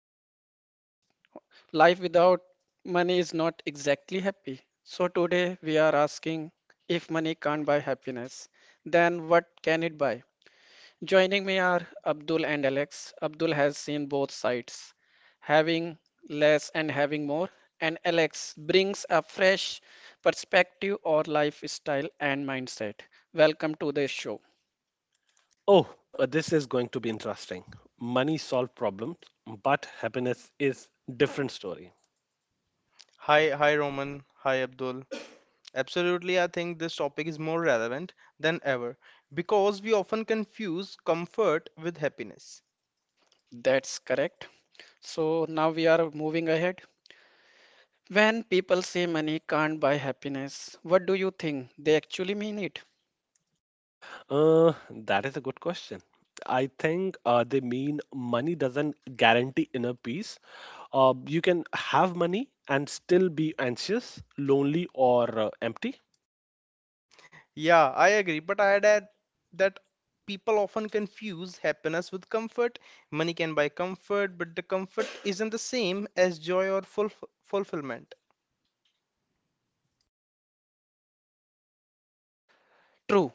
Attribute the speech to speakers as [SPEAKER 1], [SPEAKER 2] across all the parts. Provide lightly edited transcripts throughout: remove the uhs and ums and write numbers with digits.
[SPEAKER 1] let's be honest. Life without money is not exactly happy. So today we are asking if money can't buy happiness, then what can it buy? Joining me are Abdul and Alex. Abdul has seen both sides, having less and having more, and Alex brings a fresh perspective or lifestyle and mindset. Welcome to the show.
[SPEAKER 2] Oh, this is going to be interesting. Money solve problems, but happiness is different story.
[SPEAKER 3] Hi, hi Roman, hi Abdul. Absolutely, I think this topic is more relevant than ever because we often confuse comfort with happiness.
[SPEAKER 1] That's correct. So now we are moving ahead. When people say money can't buy happiness, what do you think? They actually mean it.
[SPEAKER 2] Uh, that is a good question. I think they mean money doesn't guarantee inner peace. You can have money and still be anxious, lonely, or empty.
[SPEAKER 3] Yeah, I agree, but I'd add that people often confuse happiness with comfort. Money can buy comfort, but the comfort isn't the same as joy or fulfillment.
[SPEAKER 1] True.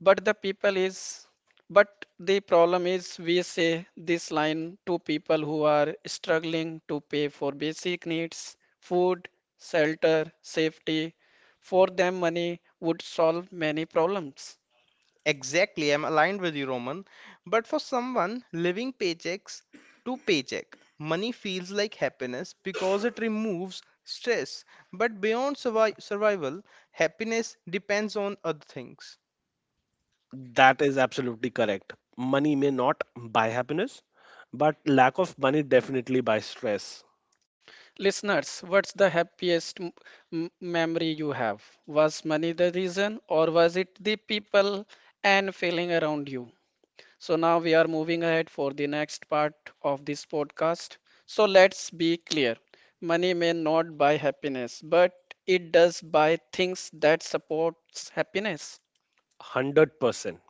[SPEAKER 1] But the people is, but the problem is we say this line to people who are struggling to pay for basic needs, food, shelter, safety. For them, money would solve many problems.
[SPEAKER 3] Exactly, I'm aligned with you, Roman. But for someone living paychecks to paycheck, money feels like happiness because it removes stress. But beyond survival, happiness depends on other things.
[SPEAKER 2] That is absolutely correct. Money may not buy happiness, but lack of money definitely buys stress.
[SPEAKER 1] Listeners, what's the happiest memory you have? Was money the reason, or was it the people and feeling around you? So now we are moving ahead for the next part of this podcast. So let's be clear. Money may not buy happiness, but it does buy things that supports happiness.
[SPEAKER 2] 100%.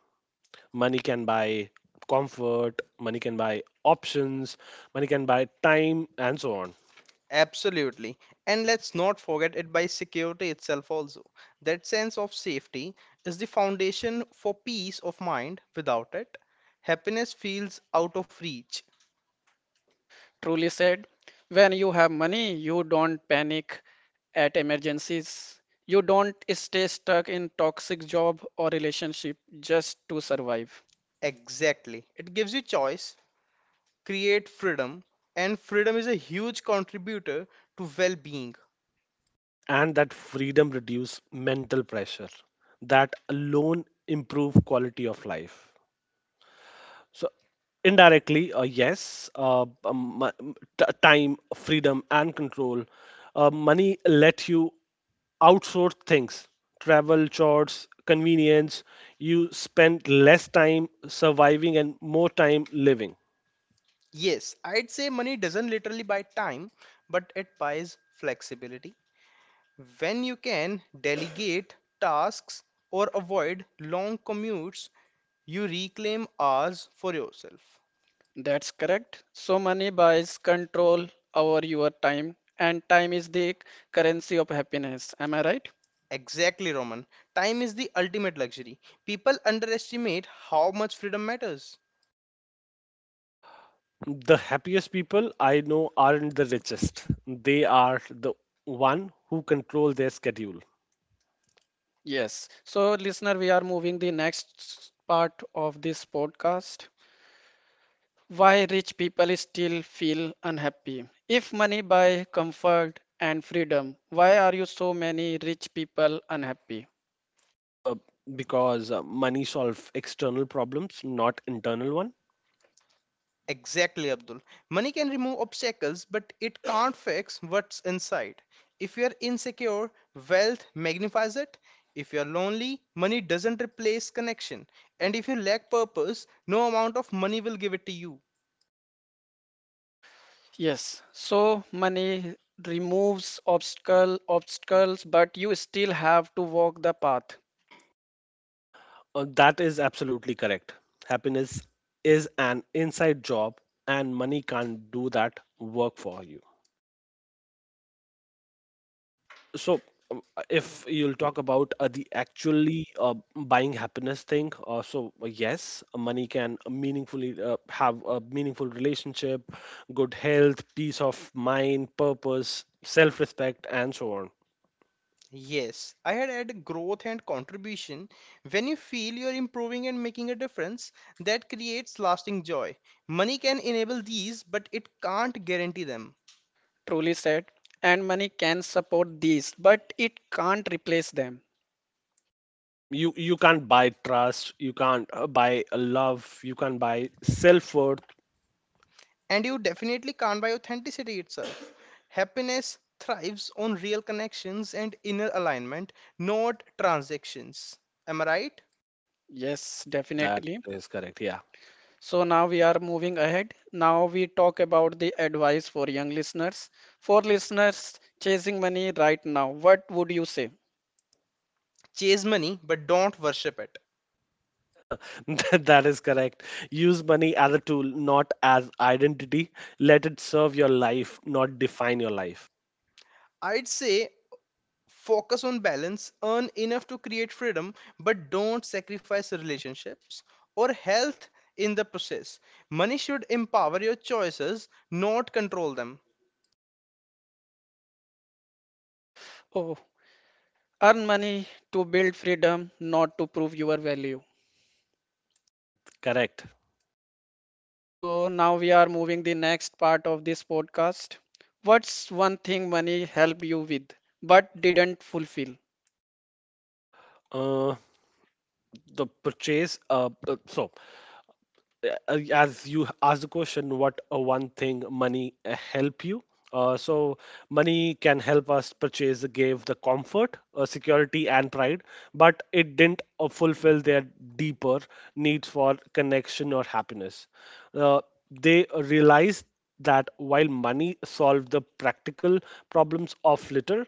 [SPEAKER 2] Money can buy comfort, money can buy options, money can buy time, and so on.
[SPEAKER 3] Absolutely. And let's not forget it by security itself also. That sense of safety is the foundation for peace of mind. Without it, happiness feels out of reach.
[SPEAKER 1] Truly said, when you have money, you don't panic at emergencies. You don't stay stuck in toxic job or relationship just to survive.
[SPEAKER 3] Exactly. It gives you choice, create freedom, and freedom is a huge contributor to well being.
[SPEAKER 2] And that freedom reduce mental pressure, that alone improve quality of life. So indirectly, yes, time freedom and control. Money let you outsource things, travel, chores, convenience. You spend less time surviving and more time living.
[SPEAKER 3] Yes, I'd say money doesn't literally buy time, but it buys flexibility. When you can delegate tasks or avoid long commutes, you reclaim hours for yourself.
[SPEAKER 1] That's correct. So money buys control over your time, and time is the currency of happiness. Am I right?
[SPEAKER 3] Exactly, Roman. Time is the ultimate luxury. People underestimate how much freedom matters.
[SPEAKER 2] The happiest people I know aren't the richest. They are the one who control their schedule.
[SPEAKER 1] Yes. So listener, we are moving the next part of this podcast. Why rich people still feel unhappy? If money buy comfort and freedom, why are you so many rich people unhappy?
[SPEAKER 2] Uh, because money solve external problems, not internal one.
[SPEAKER 3] Exactly, Abdul. Money can remove obstacles, but it can't fix what's inside. If you're insecure, wealth magnifies it. If you're lonely, money doesn't replace connection. And if you lack purpose, no amount of money will give it to you.
[SPEAKER 1] Yes, so money removes obstacles, but you still have to walk the path.
[SPEAKER 2] That is absolutely correct. Happiness is an inside job, and money can't do that work for you. So uh, if you'll talk about the actually buying happiness thing, yes, money can meaningfully have a meaningful relationship, good health, peace of mind, purpose, self respect, and so on.
[SPEAKER 3] Yes, I had added growth and contribution. When you feel you're improving and making a difference, that creates lasting joy. Money can enable these, but it can't guarantee them.
[SPEAKER 1] Truly said. And money can support these, but it can't replace them.
[SPEAKER 2] You can't buy trust, you can't buy love, you can't buy self worth.
[SPEAKER 3] And you definitely can't buy authenticity itself. Happiness thrives on real connections and inner alignment, not transactions. Am I right?
[SPEAKER 1] Yes,
[SPEAKER 2] That
[SPEAKER 1] definitely.
[SPEAKER 2] is correct, yeah.
[SPEAKER 1] So now we are moving ahead. Now we talk about the advice for young listeners. For listeners chasing money right now, what would you say?
[SPEAKER 3] Chase money, but don't worship it.
[SPEAKER 2] That is correct. Use money as a tool, not as identity. Let it serve your life, not define your life.
[SPEAKER 3] I'd say focus on balance, earn enough to create freedom, but don't sacrifice relationships or health in the process. Money should empower your choices, not control them.
[SPEAKER 1] Oh, earn money to build freedom, not to prove your value.
[SPEAKER 2] Correct.
[SPEAKER 1] So now we are moving the next part of this podcast. What's one thing money helped you with but didn't fulfill?
[SPEAKER 2] Uh, the purchase. As you asked the question what one thing money help you, uh, so money can help us purchase, gave the comfort, security, and pride, but it didn't fulfill their deeper needs for connection or happiness. uh, they realized that while money solved the practical problems of little,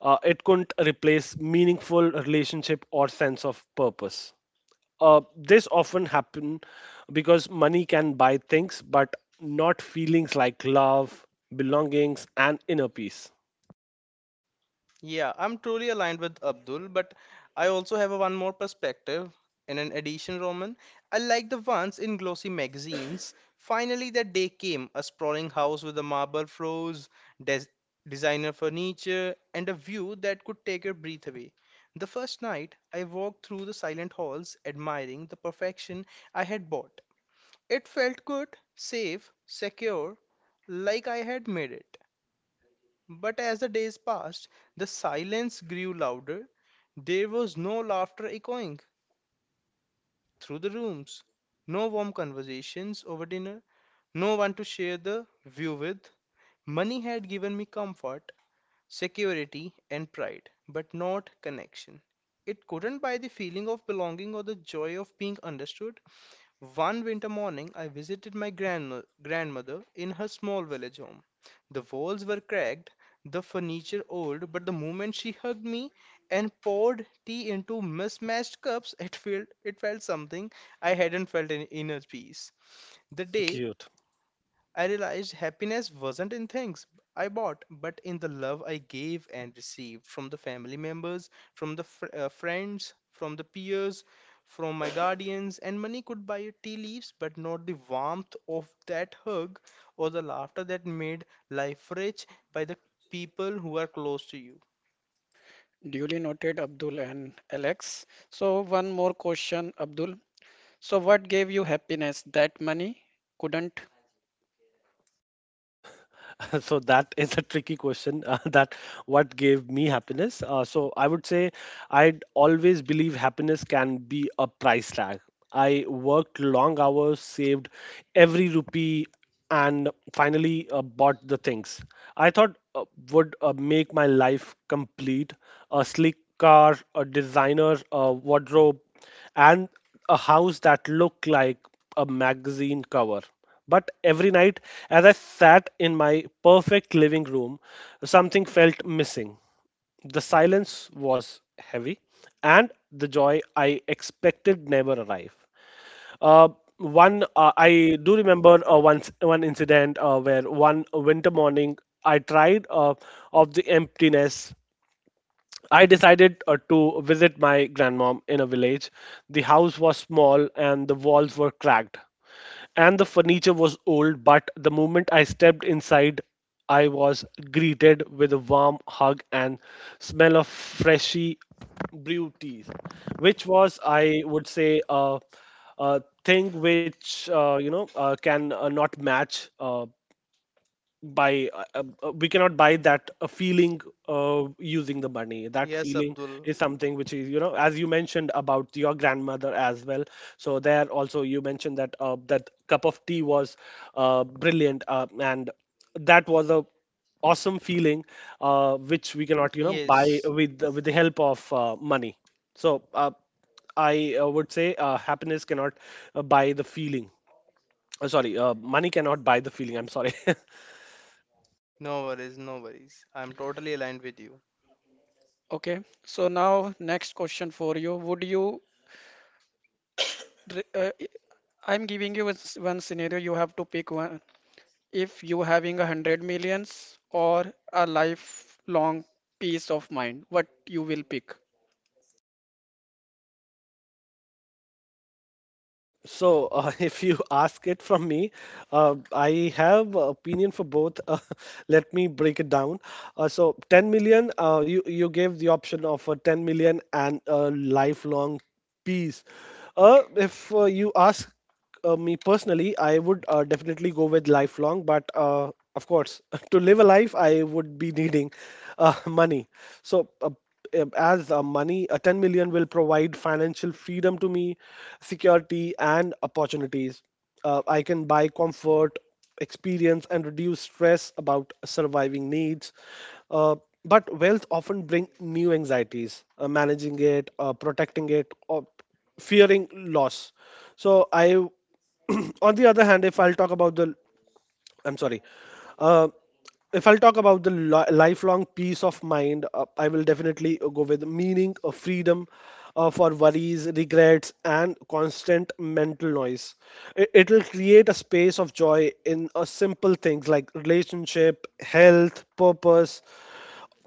[SPEAKER 2] it couldn't replace meaningful relationship or sense of purpose. This often happen because money can buy things, but not feelings like love, belongings, and inner peace.
[SPEAKER 3] Yeah, I'm truly aligned with Abdul, but I also have a one more perspective. In an edition, Roman, I like the ones in glossy magazines. Finally, that day came, a sprawling house with a marble floors, des designer furniture, and a view that could take your breath away. The first night, I walked through the silent halls, admiring the perfection I had bought. It felt good, safe, secure, like I had made it. But as the days passed, the silence grew louder. There was no laughter echoing through the rooms, no warm conversations over dinner, no one to share the view with. Money had given me comfort, security, and pride, but not connection. It couldn't buy the feeling of belonging or the joy of being understood. One winter morning, I visited my grandmother in her small village home. The walls were cracked, the furniture old, but the moment she hugged me and poured tea into mismatched cups, it felt something I hadn't felt in inner peace. The
[SPEAKER 2] So
[SPEAKER 3] day
[SPEAKER 2] cute.
[SPEAKER 3] I realized happiness wasn't in things I bought, but in the love I gave and received from the family members, from the friends, from the peers, from my guardians. And money could buy you tea leaves, but not the warmth of that hug or the laughter that made life rich by the people who are close to you.
[SPEAKER 1] Duly noted, Abdul and Alex. So one more question, Abdul. So what gave you happiness that money couldn't?
[SPEAKER 2] Uh, so that is a tricky question, that what gave me happiness. I would say I'd always believe happiness can be a price tag. I worked long hours, saved every rupee, and finally bought the things I thought would make my life complete. A sleek car, a designer wardrobe, and a house that looked like a magazine cover. But every night, as I sat in my perfect living room, something felt missing. The silence was heavy, and the joy I expected never arrived. Uh, one I do remember once one incident where one winter morning I tried of the emptiness, I decided to visit my grandmom in a village. The house was small and the walls were cracked, and the furniture was old. But the moment I stepped inside, I was greeted with a warm hug and smell of freshly brewed teas, which was, I would say, a thing which, can not match. Buy We cannot buy that feeling using the money. That
[SPEAKER 3] Yes,
[SPEAKER 2] feeling
[SPEAKER 3] Abdul.
[SPEAKER 2] is something which is, you know, as you mentioned about your grandmother as well, so there also you mentioned that that cup of tea was brilliant, and that was a awesome feeling which we cannot, you know, buy
[SPEAKER 3] Yes.
[SPEAKER 2] with the help of money. So I would say happiness cannot buy the feeling. Sorry, money cannot buy the feeling. I'm sorry.
[SPEAKER 3] No worries, no worries. I'm totally aligned with you.
[SPEAKER 1] Okay, so now next question for you. Would you, re- I- I'm giving you one scenario, you have to pick one. If you having a hundred millions or a lifelong peace of mind, what you will pick?
[SPEAKER 2] So, if you ask it from me, I have a opinion for both. Let me break it down. So, 10 million, you gave the option of a 10 million and a lifelong peace. If you ask me personally, I would definitely go with lifelong, but of course, to live a life, I would be needing money. So, as money, 10 million will provide financial freedom to me, security, and opportunities. I can buy comfort, experience, and reduce stress about surviving needs. Uh, but wealth often bring new anxieties. Managing it, protecting it, or fearing loss. So I, on the other hand, if I'll talk about I'm sorry, if I'll talk about the lifelong peace of mind, I will definitely go with meaning, freedom for worries, regrets, and constant mental noise. It'll create a space of joy in simple things like relationship, health, purpose.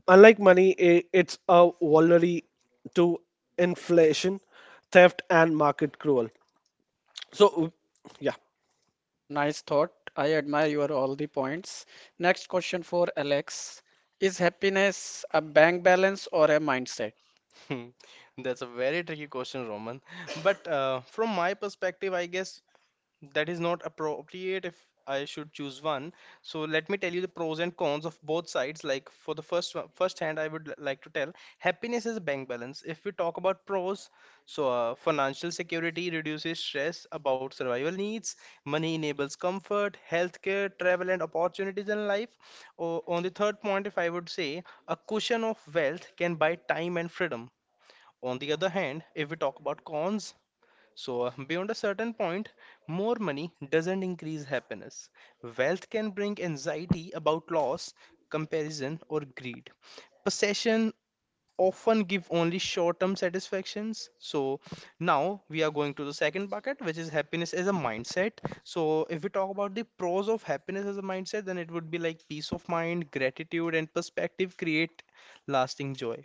[SPEAKER 2] Unlike money, I it's a vulnerable to inflation, theft, and market cruel. So, yeah.
[SPEAKER 1] Nice thought. I admire your all the points. Next question for Alex. Is happiness a bank balance or a mindset?
[SPEAKER 3] Hmm, that's a very tricky question, Roman. But from my perspective, I guess that is not appropriate if I should choose one. So let me tell you the pros and cons of both sides. Like for the first one, first hand, I would like to tell happiness is a bank balance. If we talk about pros, so financial security reduces stress about survival needs, money enables comfort, healthcare, travel, and opportunities in life. On the third point, if I would say a cushion of wealth can buy time and freedom. On the other hand, if we talk about cons, so beyond a certain point, more money doesn't increase happiness. Wealth can bring anxiety about loss, comparison, or greed. Possession often give only short-term satisfactions. So now we are going to the second bucket, which is happiness as a mindset. So if we talk about the pros of happiness as a mindset, then it would be like peace of mind, gratitude, and perspective create lasting joy.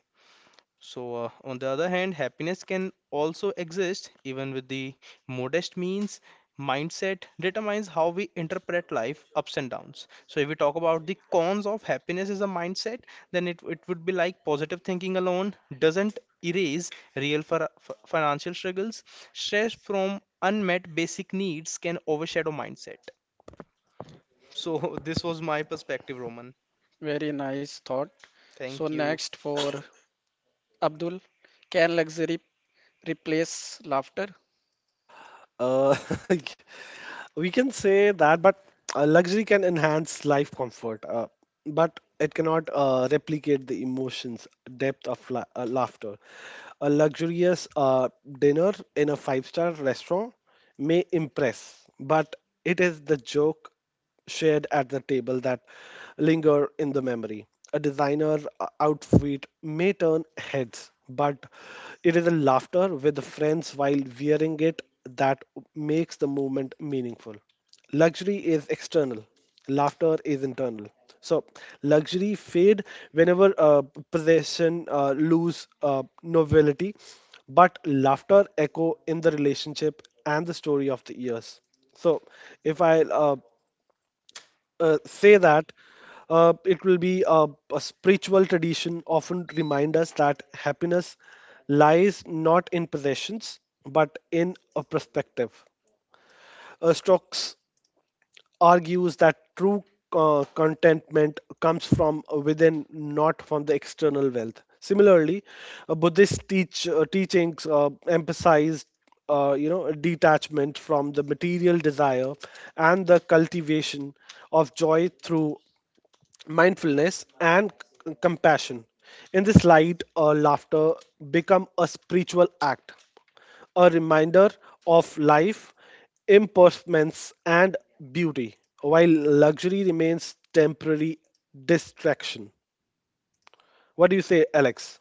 [SPEAKER 3] So, on the other hand, happiness can also exist even with the modest means. Mindset determines how we interpret life ups and downs. So, if we talk about the cons of happiness as a mindset, then it would be like positive thinking alone doesn't erase real for, financial struggles. Stress from unmet basic needs can overshadow mindset. So, this was my perspective, Roman.
[SPEAKER 1] Very nice thought. So
[SPEAKER 3] Thank you.
[SPEAKER 1] next for Abdul, can luxury replace laughter?
[SPEAKER 2] Uh, we can say that, but luxury can enhance life comfort, but it cannot replicate the emotions, depth of laughter. A luxurious dinner in a five-star restaurant may impress, but it is the joke shared at the table that linger in the memory. A designer outfit may turn heads, but it is a laughter with friends while wearing it that makes the movement meaningful. Luxury is external, laughter is internal. So, luxury fade whenever possession lose novelty, but laughter echo in the relationship and the story of the years. So, if I say that it will be a spiritual tradition often remind us that happiness lies not in possessions but in a perspective. Stokes argues that true contentment comes from within, not from the external wealth. Similarly, Buddhist teachings emphasize, detachment from the material desire and the cultivation of joy through mindfulness and compassion. In this light, laughter become a spiritual act, a reminder of life, impermanence, and beauty, while luxury remains temporary distraction. What do you say, Alex?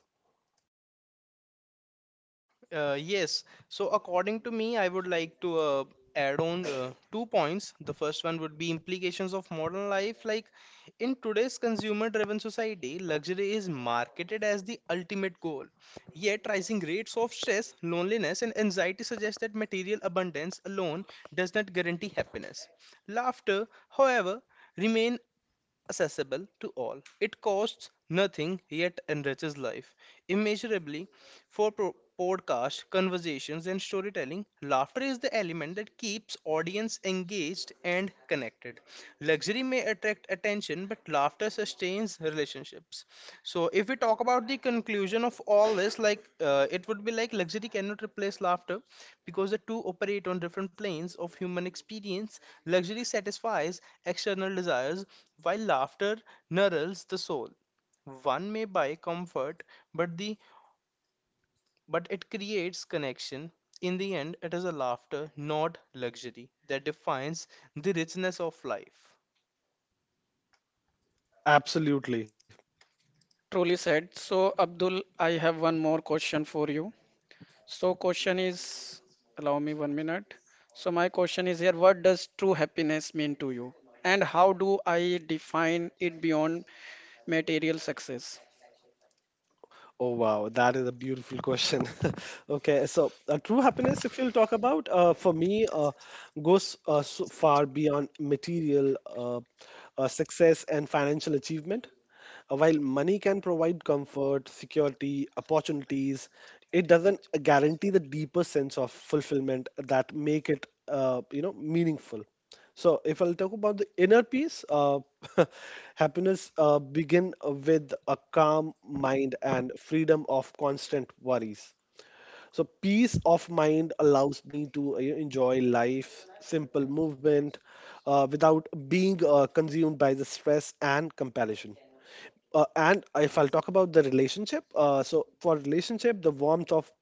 [SPEAKER 3] Yes. So according to me, I would like to add on two points. The first one would be implications of modern life. Like in today's consumer-driven society, luxury is marketed as the ultimate goal. Yet rising rates of stress, loneliness, and anxiety suggest that material abundance alone does not guarantee happiness. Laughter, however, remain accessible to all. It costs nothing yet enriches life immeasurably for podcast conversations and storytelling. Laughter is the element that keeps audience engaged and connected. Luxury may attract attention, but laughter sustains relationships. So if we talk about the conclusion of all this, like it would be like luxury cannot replace laughter because the two operate on different planes of human experience. Luxury satisfies external desires while laughter nourishes the soul. One may buy comfort, but the but it creates connection. In the end, it is a laughter, not luxury, that defines the richness of life.
[SPEAKER 2] Absolutely.
[SPEAKER 1] Truly said. So, Abdul, I have one more question for you. So, question is, allow me 1 minute. So, my question is here, what does true happiness mean to you? And how do I define it beyond material success?
[SPEAKER 2] Oh wow, that is a beautiful question. Okay, so true happiness, if you'll talk about, for me, goes so far beyond material success and financial achievement. While money can provide comfort, security, opportunities, it doesn't guarantee the deeper sense of fulfillment that make it, meaningful. So if I'll talk about the inner peace, happiness begin with a calm mind and freedom of constant worries. So peace of mind allows me to enjoy life, simple movement, without being consumed by the stress and comparison. And if I'll talk about the relationship, so for relationship, the warmth of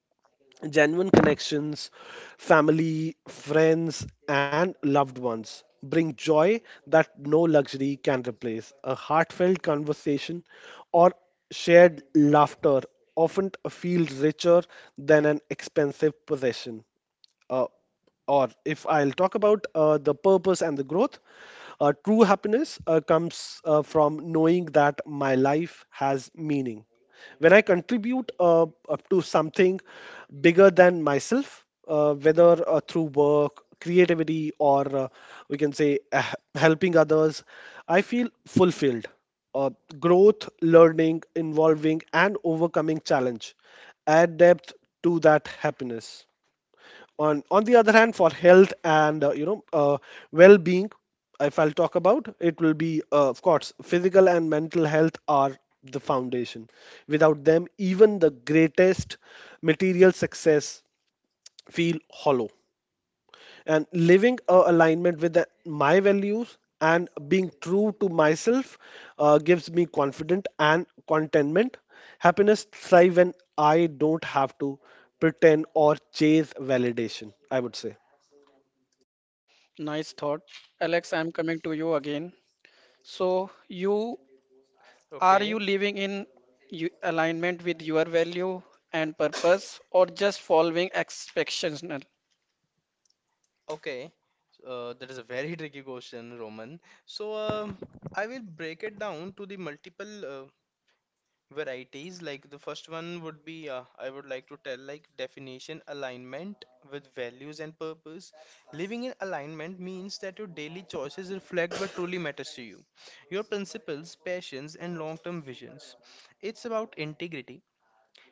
[SPEAKER 2] genuine connections, family, friends, and loved ones bring joy that no luxury can replace. A heartfelt conversation or shared laughter often feel richer than an expensive possession. uh, or if I'll talk about the purpose and the growth, true happiness comes from knowing that my life has meaning. When I contribute up to something bigger than myself, whether through work, creativity, or we can say helping others, I feel fulfilled. Uh, Growth, learning, involving, and overcoming challenge add depth to that happiness. On the other hand, for health and, well-being, if I'll talk about, it will be, of course, physical and mental health are the foundation. Without them, even the greatest material success feel hollow. And living a alignment with my values and being true to myself gives me confidence and contentment. Happiness thrive when I don't have to pretend or chase validation, I would say.
[SPEAKER 1] Nice thought. Alex, I'm coming to you again. So, you are you
[SPEAKER 3] Okay.
[SPEAKER 1] living in you, alignment with your value and purpose or just following expectations?
[SPEAKER 3] Okay, so, that is a very tricky question, Roman. So, I will break it down to the multiple varieties. Like the first one would be, I would like to tell like definition alignment with values and purpose. Living in alignment means that your daily choices reflect what truly matters to you, your principles, passions, and long-term visions. It's about integrity.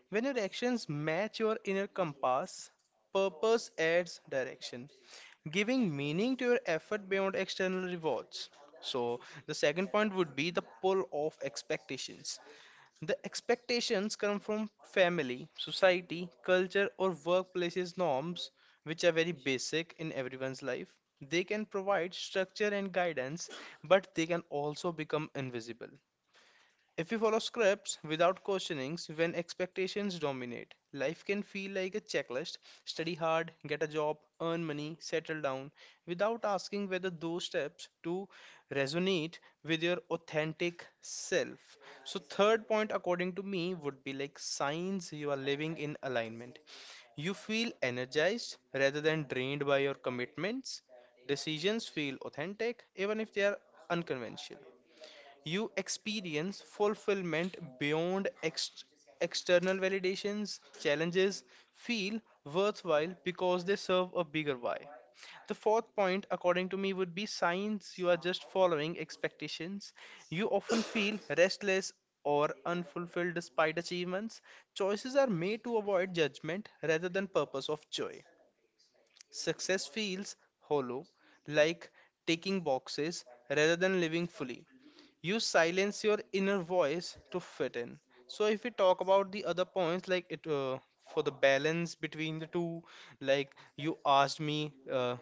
[SPEAKER 3] When your actions match your inner compass, purpose adds direction giving meaning to your effort beyond external rewards. So, the second point would be the pull of expectations. The expectations come from family, society, culture, or workplaces norms, which are very basic in everyone's life. They can provide structure and guidance, but they can also become invisible. If we follow scripts without questionings when expectations dominate, life can feel like a checklist study hard, get a job, earn money, settle down without asking whether those steps do resonate with your authentic self. So, third point, according to me, would be like signs you are living in alignment. You feel energized rather than drained by your commitments. Decisions feel authentic even if they are unconventional. You experience fulfillment beyond external validations, challenges feel worthwhile because they serve a bigger why. The fourth point, according to me, would be signs you are just following expectations. You often feel restless or unfulfilled despite achievements. Choices are made to avoid judgment rather than purpose of joy. Success feels hollow, like taking boxes rather than living fully, you silence your inner voice to fit in. So if we talk about the other points, like it for the balance between the two, like you asked me,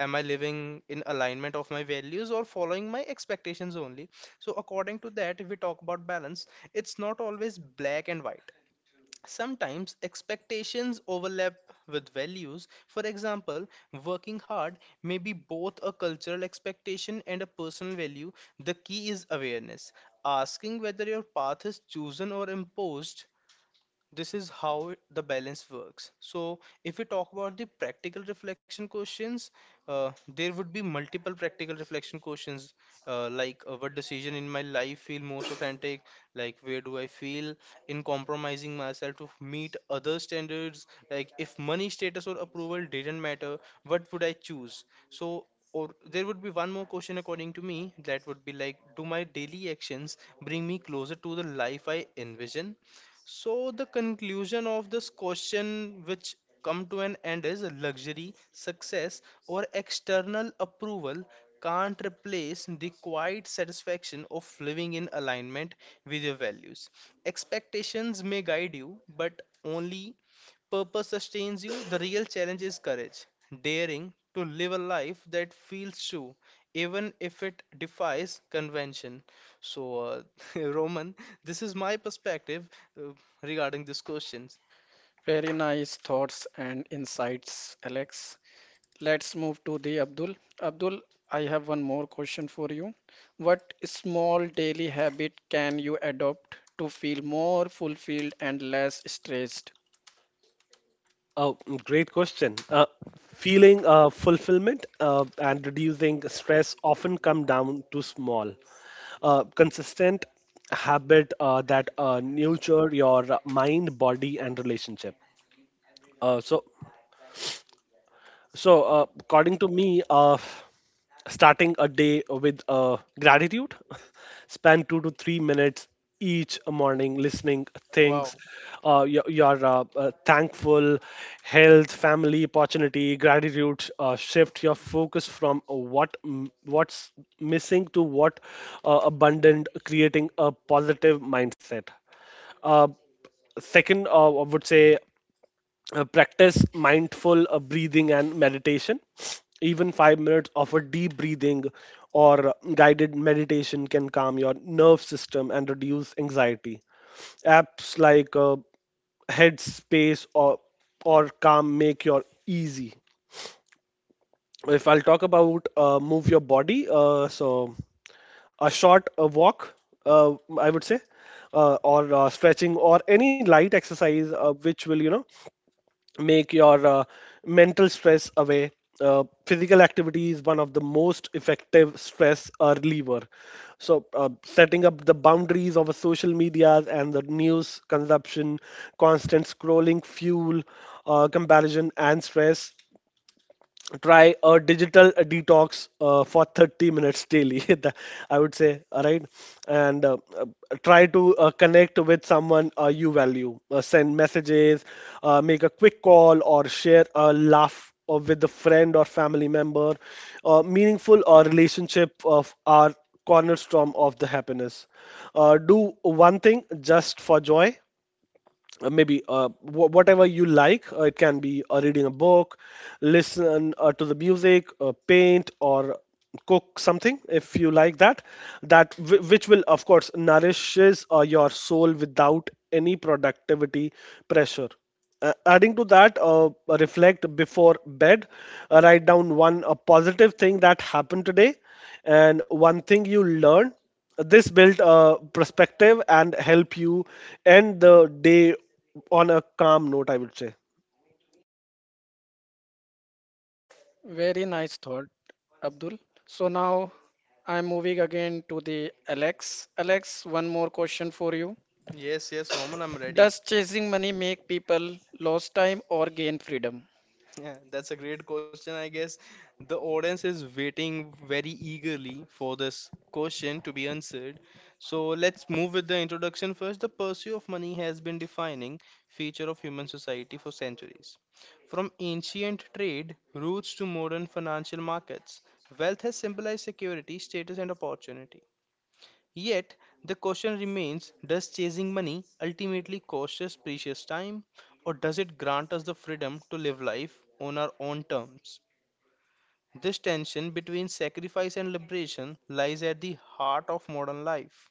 [SPEAKER 3] am I living in alignment of my values or following my expectations only? So according to that, if we talk about balance, it's not always black and white. Sometimes expectations overlap with values. For example, working hard may be both a cultural expectation and a personal value. The key is awareness, asking whether your path is chosen or imposed. This is how the balance works. So, if we talk about the practical reflection questions, uh, there would be multiple practical reflection questions, like what decision in my life feel most authentic, like where do I feel in compromising myself to meet other standards, like if money status or approval didn't matter, what would I choose? So, or there would be one more question according to me that would be like, do my daily actions bring me closer to the life I envision? So the conclusion of this question which come to an end is luxury, success or external approval can't replace the quiet satisfaction of living in alignment with your values. Expectations may guide you, but only purpose sustains you, the real challenge is courage, daring to live a life that feels true, even if it defies convention. So, Roman, this is my perspective uh, regarding this question.
[SPEAKER 1] Very nice thoughts and insights, Alex. Let's move to the Abdul. Abdul, I have one more question for you. What small daily habit can you adopt to feel more fulfilled and less stressed?
[SPEAKER 2] Oh, mm, great question. Feeling fulfillment and reducing stress often come down to small, consistent habit that nurture your mind, body, and relationship. Uh, so According to me, starting a day with gratitude, spend 2 to 3 minutes each morning listening
[SPEAKER 3] Wow.
[SPEAKER 2] things you're thankful: health, family, opportunity. Gratitude shift your focus from what what's missing to what abundant, creating a positive mindset. Second, I would say, practice mindful breathing and meditation. Even 5 minutes of a deep breathing or guided meditation can calm your nerve system and reduce anxiety. Apps like Headspace or Calm make your easy. If I'll talk about move your body, so a short walk, uh, I would say, or stretching or any light exercise which will, you know, make your mental stress away. Physical activity is one of the most effective stress reliever. So, setting up the boundaries of a social medias and the news consumption, constant scrolling, fuel, comparison, and stress. Try a digital detox for 30 minutes daily I would say, all right. And try to connect with someone you value, send messages, make a quick call or share a laugh with a friend or family member. Meaningful relationship of our cornerstone of the happiness. Do one thing just for joy, maybe whatever you like. It can be reading a book, listen to the music, paint, or cook something if you like that. That which will, of course, nourishes your soul without any productivity pressure. Adding to that, reflect before bed. Write down one a positive thing that happened today, and one thing you learned. This build a perspective and help you end the day on a calm note, I would say.
[SPEAKER 1] Very nice thought, Abdul. So now I'm moving again to the Alex. Alex, one more question for you.
[SPEAKER 3] Yes, yes, Roman, I'm ready.
[SPEAKER 1] Does chasing money make people lose time or gain freedom?
[SPEAKER 3] Yeah, that's a great question. I guess the audience is waiting very eagerly for this question to be answered. So let's move with the introduction first. The pursuit of money has been defining feature of human society for centuries. From ancient trade routes to modern financial markets, wealth has symbolized security, status, and opportunity. Yet, the question remains, does chasing money ultimately cost us precious time, or does it grant us the freedom to live life on our own terms? This tension between sacrifice and liberation lies at the heart of modern life.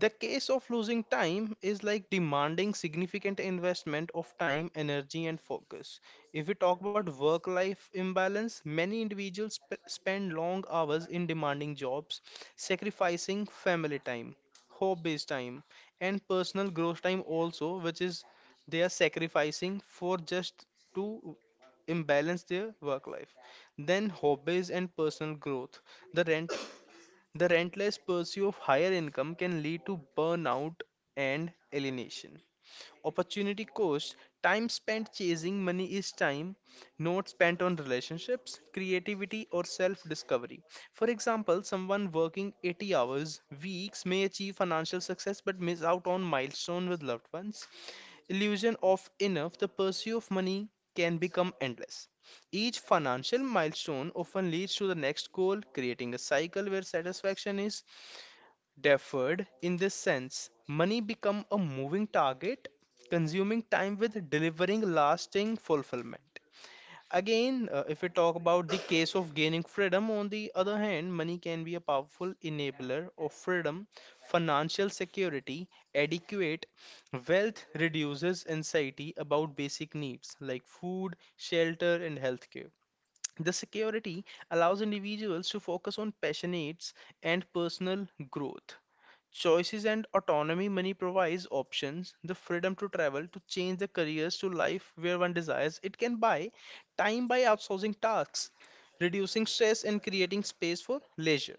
[SPEAKER 3] The case of losing time is like demanding significant investment of time, energy, and focus. If we talk about work life imbalance, many individuals spend long hours in demanding jobs, sacrificing family time, hobbies time, and personal growth time also, which is they are sacrificing for just to imbalance their work life. Then, hobbies and personal growth. The rent. The relentless pursuit of higher income can lead to burnout and alienation. Opportunity cost, time spent chasing money is time not spent on relationships, creativity, or self discovery. For example, someone working 80 hours weeks may achieve financial success but miss out on milestone with loved ones. Illusion of enough, the pursuit of money can become endless. Each financial milestone often leads to the next goal, creating a cycle where satisfaction is deferred. In this sense, money become a moving target, consuming time with delivering lasting fulfillment. Again, if we talk about the case of gaining freedom, on the other hand, money can be a powerful enabler of freedom, financial security, adequate wealth reduces anxiety about basic needs like food, shelter, and healthcare. The security allows individuals to focus on passions and personal growth. Choices and autonomy, money provides options, the freedom to travel, to change the careers to life where one desires. It can buy time by outsourcing tasks, reducing stress, and creating space for leisure.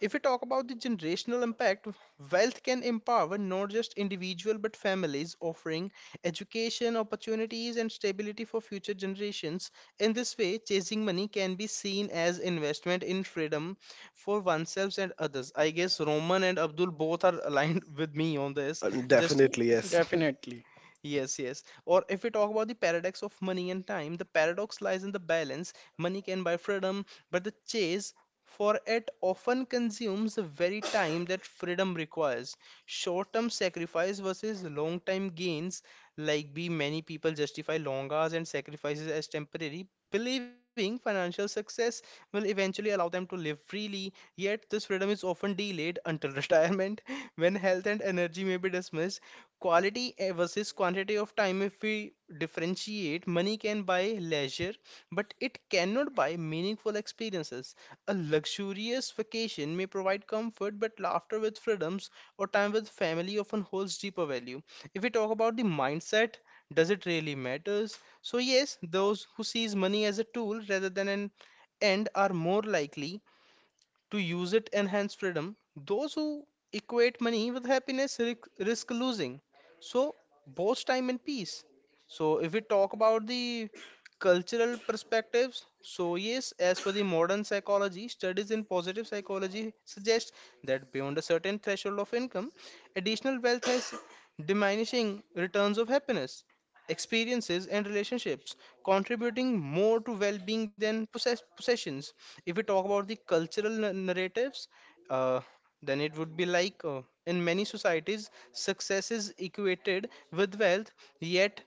[SPEAKER 3] If we talk about the generational impact, wealth can empower not just individual but families, offering education, opportunities, and stability for future generations. In this way, chasing money can be seen as investment in freedom for oneself and others. I guess Roman and Abdul both are aligned with me on this. Just
[SPEAKER 2] Definitely, yes.
[SPEAKER 1] Definitely.
[SPEAKER 3] Yes, yes. Or if we talk about the paradox of money and time, the paradox lies in the balance. Money can buy freedom, but the chase for it often consumes the very time that freedom requires. Short-term sacrifice versus long-term gains, like be many people justify long hours and sacrifices as temporary, believing financial success will eventually allow them to live freely. Yet this freedom is often delayed until retirement, when health and energy may be dismissed. Quality versus quantity of time, if we differentiate, money can buy leisure, but it cannot buy meaningful experiences. A luxurious vacation may provide comfort, but laughter with freedoms or time with family often holds deeper value. If we talk about the mindset, does it really matters? So yes, those who sees money as a tool rather than an end are more likely to use it enhance freedom. Those who equate money with happiness risk, losing so both time and peace. So if we talk about the cultural perspectives, so yes, as per the modern psychology studies in positive psychology suggest that beyond a certain threshold of income, additional wealth has diminishing returns of happiness. Experiences and relationships contributing more to well-being than possessions. If we talk about the cultural narratives, uh, then it would be like in many societies success is equated with wealth. Yet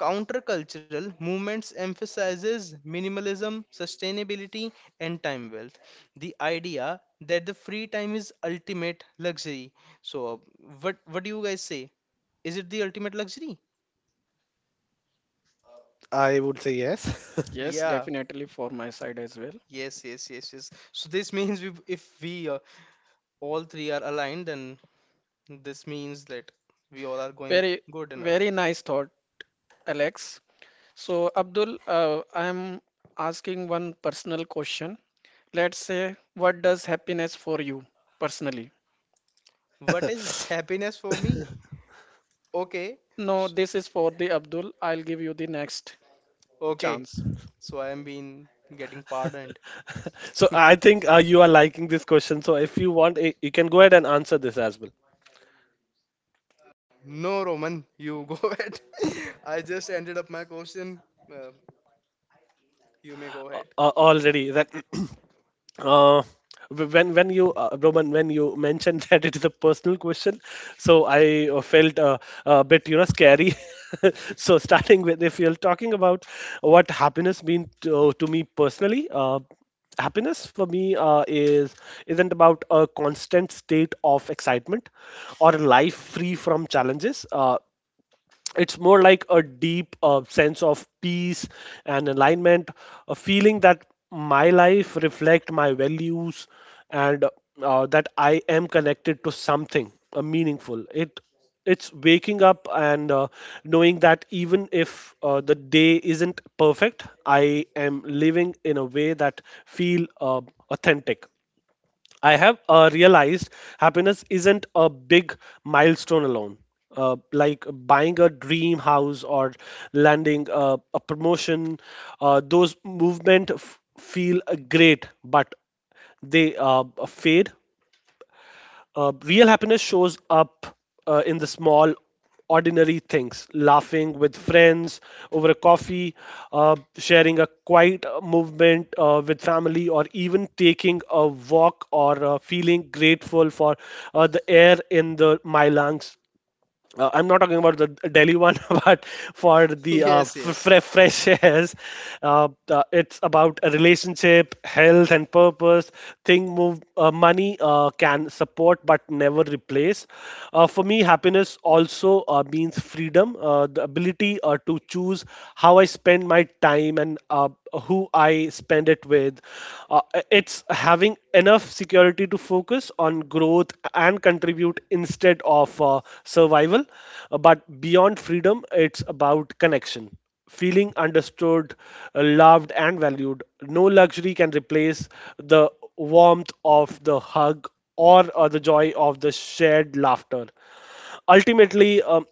[SPEAKER 3] countercultural movements emphasizes minimalism, sustainability, and time wealth, the idea that the free time is ultimate luxury. So what do you guys say, is it the ultimate luxury?
[SPEAKER 2] I would say yes.
[SPEAKER 1] Yes,
[SPEAKER 3] Yeah.
[SPEAKER 1] definitely for my side as well.
[SPEAKER 3] Yes, yes, yes, yes. So this means we, if we all three are aligned, then this means that we all are going
[SPEAKER 1] Very,
[SPEAKER 3] good enough.
[SPEAKER 1] very nice thought, Alex. So, Abdul, I am asking one personal question. Let's say, what does happiness for you personally?
[SPEAKER 3] What is happiness for me? Okay.
[SPEAKER 1] No,
[SPEAKER 3] s-
[SPEAKER 1] this is for the Abdul. I'll give you the next
[SPEAKER 3] Okay.
[SPEAKER 1] chance.
[SPEAKER 3] So I am being getting pardoned.
[SPEAKER 2] So I think you are liking this question. So if you want, you can go ahead and answer this as well.
[SPEAKER 3] No, Roman, you go ahead. I just ended up my question. Uh, you may go ahead.
[SPEAKER 2] Already that uh, when you, Roman, when you mentioned that it is a personal question, so I felt a bit, you know, scary. So starting with, if you're talking about what happiness means to me personally, happiness for me is isn't about a constant state of excitement or a life free from challenges. It's more like a deep sense of peace and alignment, a feeling that my life reflect my values, and that I am connected to something meaningful. It it's waking up and knowing that even if the day isn't perfect, I am living in a way that feel authentic. I have realized happiness isn't a big milestone alone. Like buying a dream house or landing a promotion, those movement feel great, but they fade. Uh, real happiness shows up in the small, ordinary things, laughing with friends over a coffee, sharing a quiet movement with family, or even taking a walk, or feeling grateful for the air in my lungs. Uh, I'm not talking about the Delhi one, but for the
[SPEAKER 3] Yes, yes.
[SPEAKER 2] fresh airs. It's about a relationship, health, and purpose. Thing move, money can support but never replace. For me, happiness also means freedom, the ability to choose how I spend my time and who I spend it with. Uh, it's having enough security to focus on growth and contribute instead of survival. But beyond freedom, it's about connection. Feeling understood, loved, and valued. No luxury can replace the warmth of the hug or the joy of the shared laughter. Ultimately,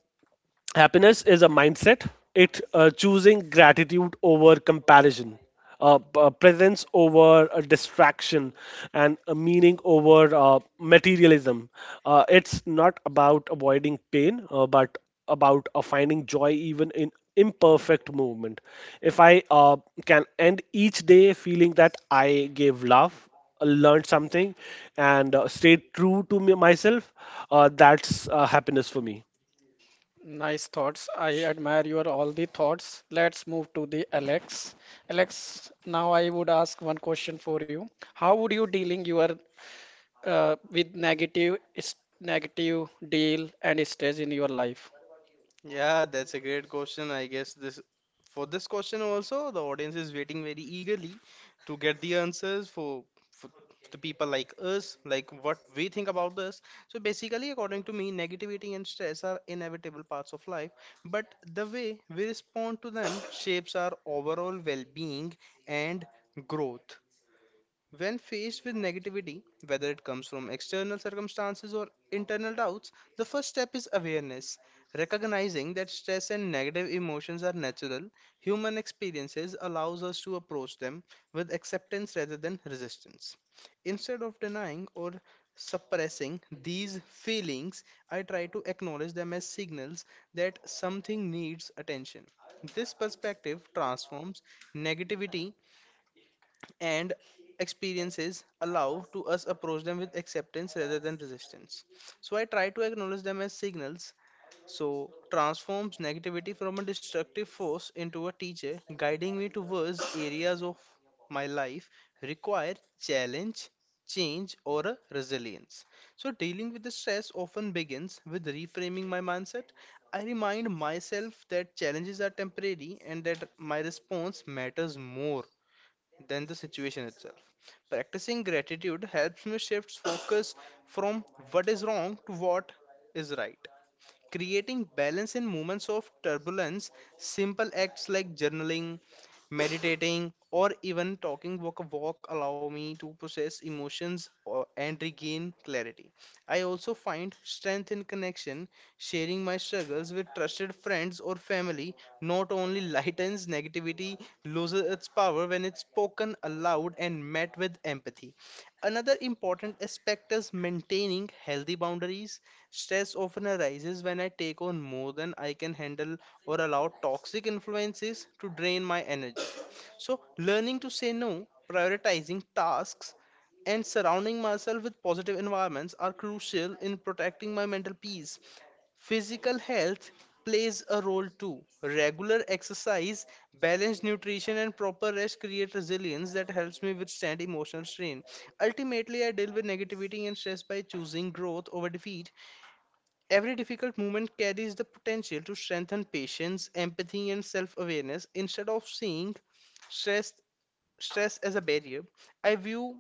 [SPEAKER 2] happiness is a mindset. It choosing gratitude over comparison, presence over a distraction, and a meaning over materialism. Uh, it's not about avoiding pain, but about finding joy even in imperfect movement. If I can end each day feeling that I gave love, learned something, and stayed true to myself, that's happiness for me.
[SPEAKER 1] Nice thoughts. I admire your all the thoughts. Let's move to the Alex. Alex, now I would ask one question for you. How would you dealing your with negative is negative deal and stress in your life?
[SPEAKER 3] Yeah, that's a great question. I guess this, for this question also, the audience is waiting very eagerly to get the answers for for the people like us, like what we think about this. So basically, according to me, negativity and stress are inevitable parts of life, but the way we respond to them shapes our overall well-being and growth. When faced with negativity, whether it comes from external circumstances or internal doubts, the first step is awareness. Recognizing that stress and negative emotions are natural, human experiences allows us to approach them with acceptance rather than resistance. Instead of denying or suppressing these feelings, I try to acknowledge them as signals that something needs attention. This perspective transforms negativity and experiences allow to us approach them with acceptance rather than resistance. So I try to acknowledge them as signals, so transforms negativity from a destructive force into a teacher guiding me towards areas of my life require challenge, change, or a resilience. So dealing with the stress often begins with reframing my mindset. I remind myself that challenges are temporary and that my response matters more than the situation itself. Practicing gratitude helps me shift focus from what is wrong to what is right, creating balance in moments of turbulence. Simple acts like journaling, meditating, or even talking walk a walk allow me to process emotions or, and regain clarity. I also find strength in connection. Sharing my struggles with trusted friends or family not only lightens negativity, loses its power when it's spoken aloud and met with empathy. Another important aspect is maintaining healthy boundaries. Stress often arises when I take on more than I can handle or allow toxic influences to drain my energy. So, learning to say no, prioritizing tasks, and surrounding myself with positive environments are crucial in protecting my mental peace. Physical health plays a role too. Regular exercise, balanced nutrition, and proper rest create resilience that helps me withstand emotional strain. Ultimately, I deal with negativity and stress by choosing growth over defeat. Every difficult moment carries the potential to strengthen patience, empathy, and self awareness. Instead of seeing stress, stress, as a barrier, I view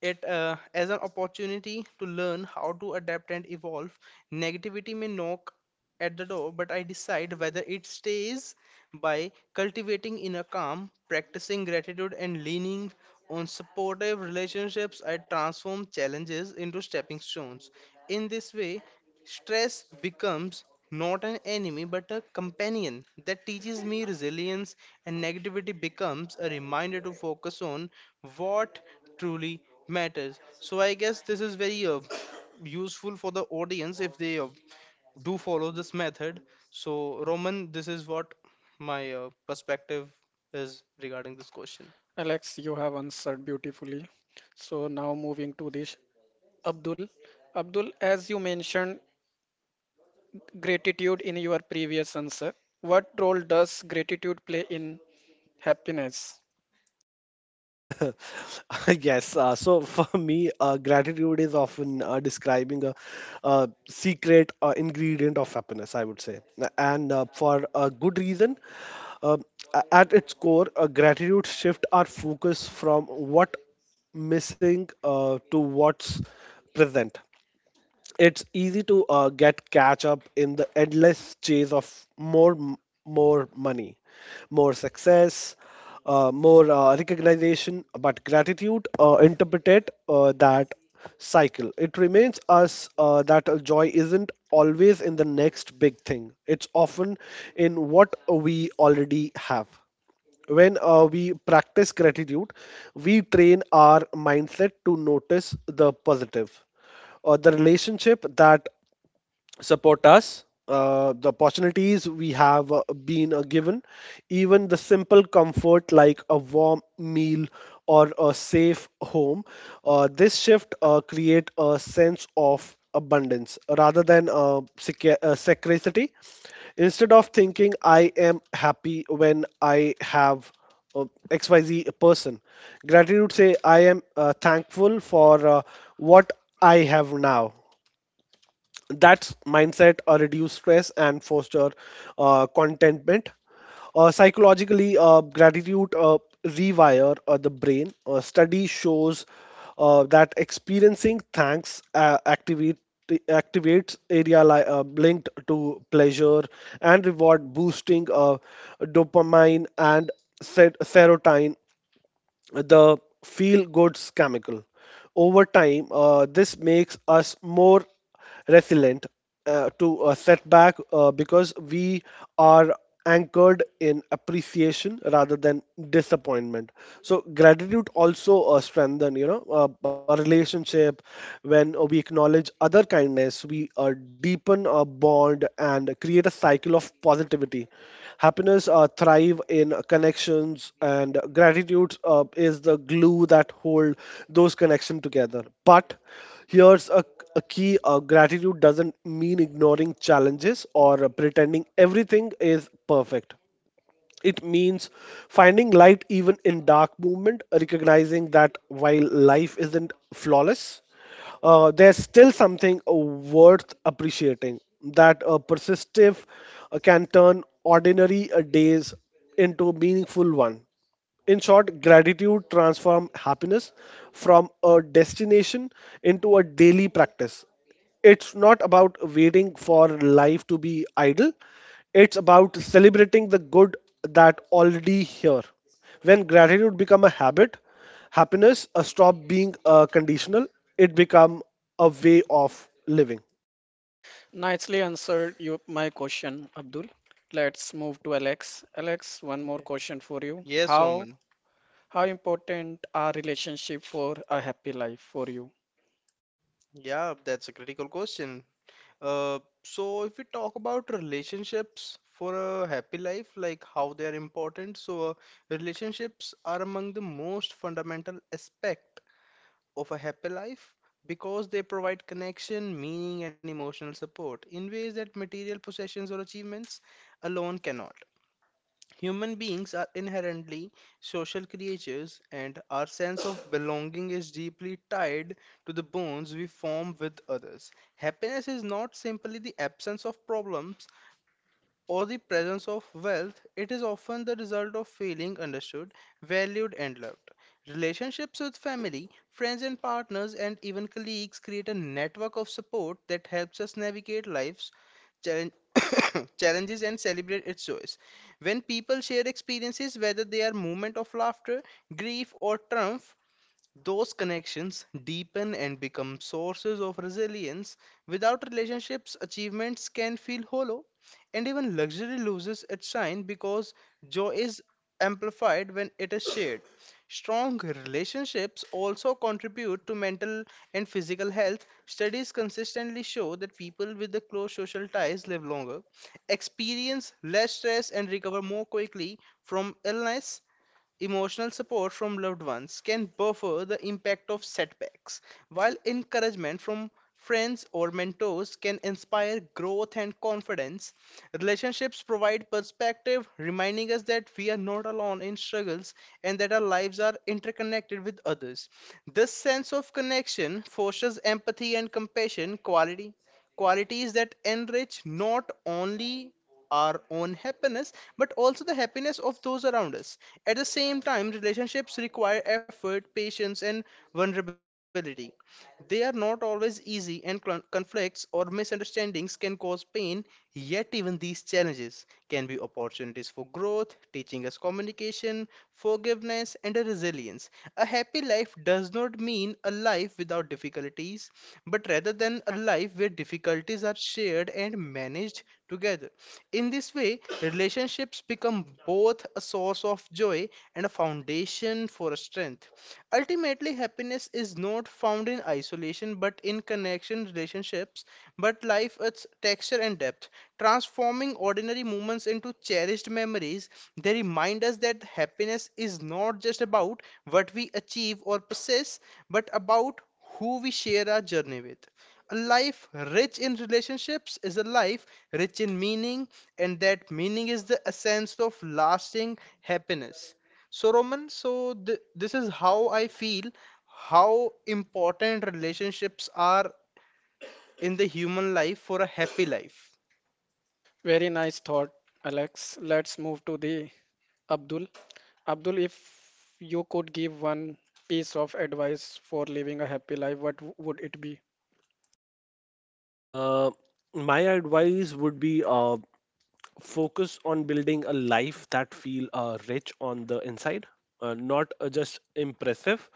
[SPEAKER 3] it as an opportunity to learn how to adapt and evolve. Negativity may knock at the door, but I decide whether it stays. By cultivating inner calm, practicing gratitude, and leaning on supportive relationships, I transform challenges into stepping stones. In this way, stress becomes not an enemy but a companion that teaches me resilience, and negativity becomes a reminder to focus on what truly matters. So, I guess this is very useful for the audience if they do follow this method. So, Roman, this is what my perspective is regarding this question.
[SPEAKER 1] Alex, you have answered beautifully. So now moving to this, Abdul. Abdul, as you mentioned gratitude in your previous answer, what role does gratitude play in happiness?
[SPEAKER 2] Yes. So for me, gratitude is often describing a secret ingredient of happiness, I would say. And for a good reason. Um, at its core, gratitude shift our focus from what missing to what's present. It's easy to get catch up in the endless chase of more, more money, more success, more recognition. But gratitude interpret that cycle. It reminds us that joy isn't always in the next big thing. It's often in what we already have. When we practice gratitude, we train our mindset to notice the positive, or the relationship that support us. The opportunities we have been given, even the simple comfort like a warm meal or a safe home, this shift create a sense of abundance rather than scarcity. Instead of thinking I am happy when I have uh, XYZ person, gratitude say I am thankful for what I have now. That's mindset reduce stress and foster contentment. Psychologically, gratitude rewire the brain. Study shows that experiencing thanks activates area linked to pleasure and reward, boosting dopamine and serotonin, the feel goods chemical. Over time, this makes us more resilient to a setback because we are anchored in appreciation rather than disappointment. So gratitude also strengthen, you know, a relationship. When we acknowledge other kindness, we deepen a bond and create a cycle of positivity. Happiness thrive in connections, and gratitude is the glue that hold those connections together. But here's a key, gratitude doesn't mean ignoring challenges or pretending everything is perfect. It means finding light even in dark movement, recognizing that while life isn't flawless, there's still something worth appreciating. That persistive can turn ordinary days into a meaningful one. In short, gratitude transforms happiness from a destination into a daily practice. It's not about waiting for life to be idle, it's about celebrating the good that already here. When gratitude become a habit, happiness stop being conditional, it become a way of living.
[SPEAKER 1] Nicely answered you my question, Abdul. Let's move to Alex. Alex, one more question for you.
[SPEAKER 3] Yes,
[SPEAKER 1] How
[SPEAKER 3] Roman.
[SPEAKER 1] how important are relationship for a happy life for you?
[SPEAKER 3] Yeah, that's a critical question. So if we talk about relationships for a happy life, like how they are important, so relationships are among the most fundamental aspect of a happy life because they provide connection, meaning, and emotional support in ways that material possessions or achievements alone cannot. Human beings are inherently social creatures, and our sense of belonging is deeply tied to the bonds we form with others. Happiness is not simply the absence of problems, or the presence of wealth, it is often the result of feeling understood, valued, and loved. Relationships with family, friends, and partners, and even colleagues create a network of support that helps us navigate life's challenge- challenges and celebrate its joys. When people share experiences, whether they are moments of laughter, grief, or triumph, those connections deepen and become sources of resilience. Without relationships, achievements can feel hollow, and even luxury loses its shine because joy is amplified when it is shared. Strong relationships also contribute to mental and physical health. Studies consistently show that people with the close social ties live longer, experience less stress, and recover more quickly from illness. Emotional support from loved ones can buffer the impact of setbacks, while encouragement from friends or mentors can inspire growth and confidence. Relationships provide perspective, reminding us that we are not alone in struggles and that our lives are interconnected with others. This sense of connection fosters empathy and compassion, quality qualities that enrich not only our own happiness but also the happiness of those around us. At the same time, relationships require effort, patience, and vulnerability. They are not always easy, and conflicts or misunderstandings can cause pain. Yet, even these challenges can be opportunities for growth, teaching us communication, forgiveness, and a resilience. A happy life does not mean a life without difficulties, but rather than a life where difficulties are shared and managed together. In this way, relationships become both a source of joy and a foundation for strength. Ultimately, happiness is not found in isolation but in connection relationships, but life its texture and depth, transforming ordinary moments into cherished memories. They remind us that happiness is not just about what we achieve or possess, but about who we share our journey with. A life rich in relationships is a life rich in meaning, and that meaning is the essence of lasting happiness. So, Roman, so th this is how I feel how important relationships are in the human life for a happy life.
[SPEAKER 1] Very nice thought, Alex. Let's move to the Abdul. Abdul, if you could give one piece of advice for living a happy life, would it be?
[SPEAKER 2] Uh, my advice would be focus on building a life that feel rich on the inside, not just impressive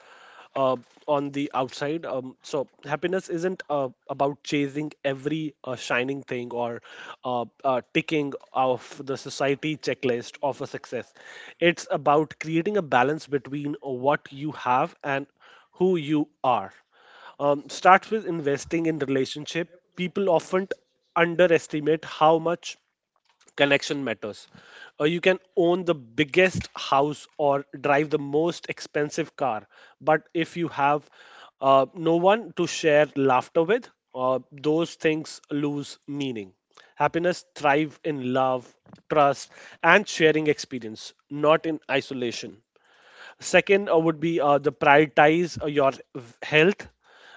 [SPEAKER 2] uh, on the outside. Um, so happiness isn't about chasing every shining thing or ticking off the society checklist of a success. It's about creating a balance between what you have and who you are. Um, starts with investing in relationship. People often underestimate how much connection matters. You can own the biggest house or drive the most expensive car, but if you have no one to share laughter with, those things lose meaning. Happiness thrive in love, trust, and sharing experience, not in isolation. Second would be the prioritize your health,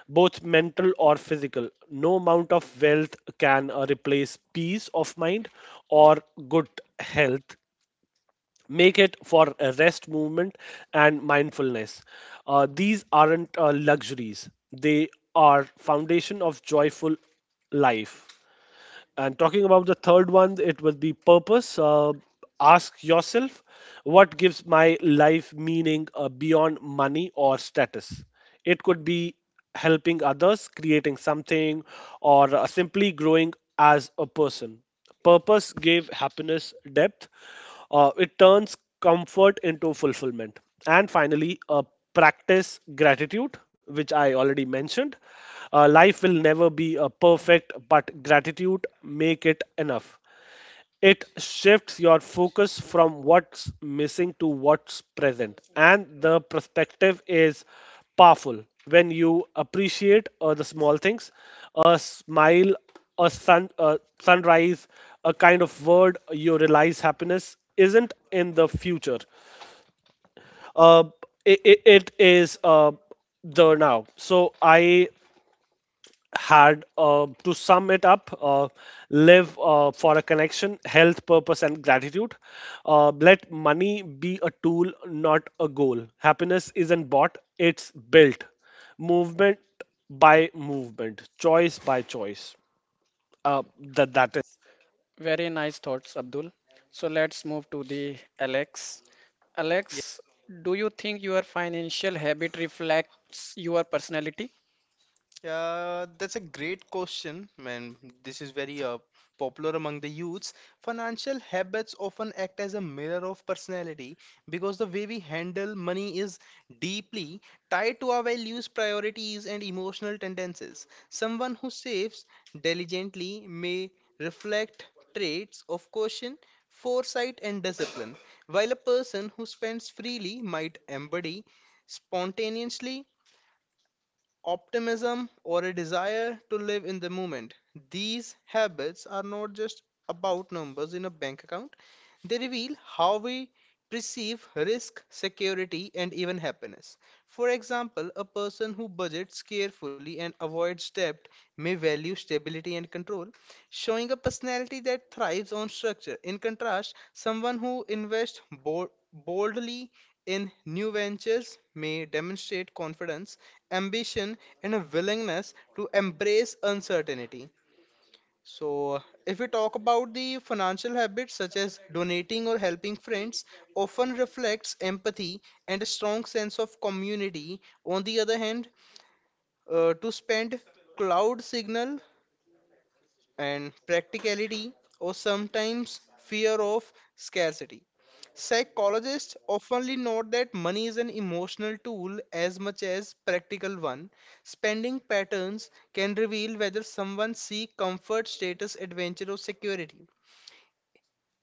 [SPEAKER 2] both mental or physical. No amount of wealth can replace peace of mind or good health. Make it for rest, movement, and mindfulness. These aren't luxuries; they are foundation of joyful life. And talking about the third one, it will be purpose. Ask yourself, what gives my life meaning beyond money or status? It could be helping others, creating something, or simply growing as a person. Purpose gave happiness depth. It turns comfort into fulfillment. And finally, practice gratitude, which I already mentioned. Life will never be perfect, but gratitude make it enough. It shifts your focus from what's missing to what's present. And the perspective is powerful. When you appreciate the small things, a smile, a sunrise, a kind of word, you realize happiness isn't in the future. Uh, it is the now. So I had to sum it up, live for a connection, health, purpose, and gratitude. Uh, let money be a tool, not a goal. Happiness isn't bought, it's built, movement by movement, choice by choice, that is,
[SPEAKER 1] Very nice thoughts, Abdul. So let's move to the Alex. Alex, do you think your financial habit reflects your personality?
[SPEAKER 3] Yeah, that's a great question, and this is very popular among the youths. Financial habits often act as a mirror of personality because the way we handle money is deeply tied to our values, priorities, and emotional tendencies. Someone who saves diligently may reflect traits of caution, foresight, and discipline, while a person who spends freely might embody spontaneously optimism, or a desire to live in the moment. These habits are not just about numbers in a bank account, they reveal how we perceive risk, security, and even happiness. For example, a person who budgets carefully and avoids debt may value stability and control, showing a personality that thrives on structure. In contrast, someone who invests boldly in new ventures may demonstrate confidence ambition and a willingness to embrace uncertainty. So, if we talk about the financial habits such as donating or helping friends, often reflects empathy and a strong sense of community. On the other hand, to spend cloud signal and practicality or sometimes fear of scarcity. Psychologists often note that money is an emotional tool as much as practical one. Spending patterns can reveal whether someone seeks comfort, status, adventure, or security.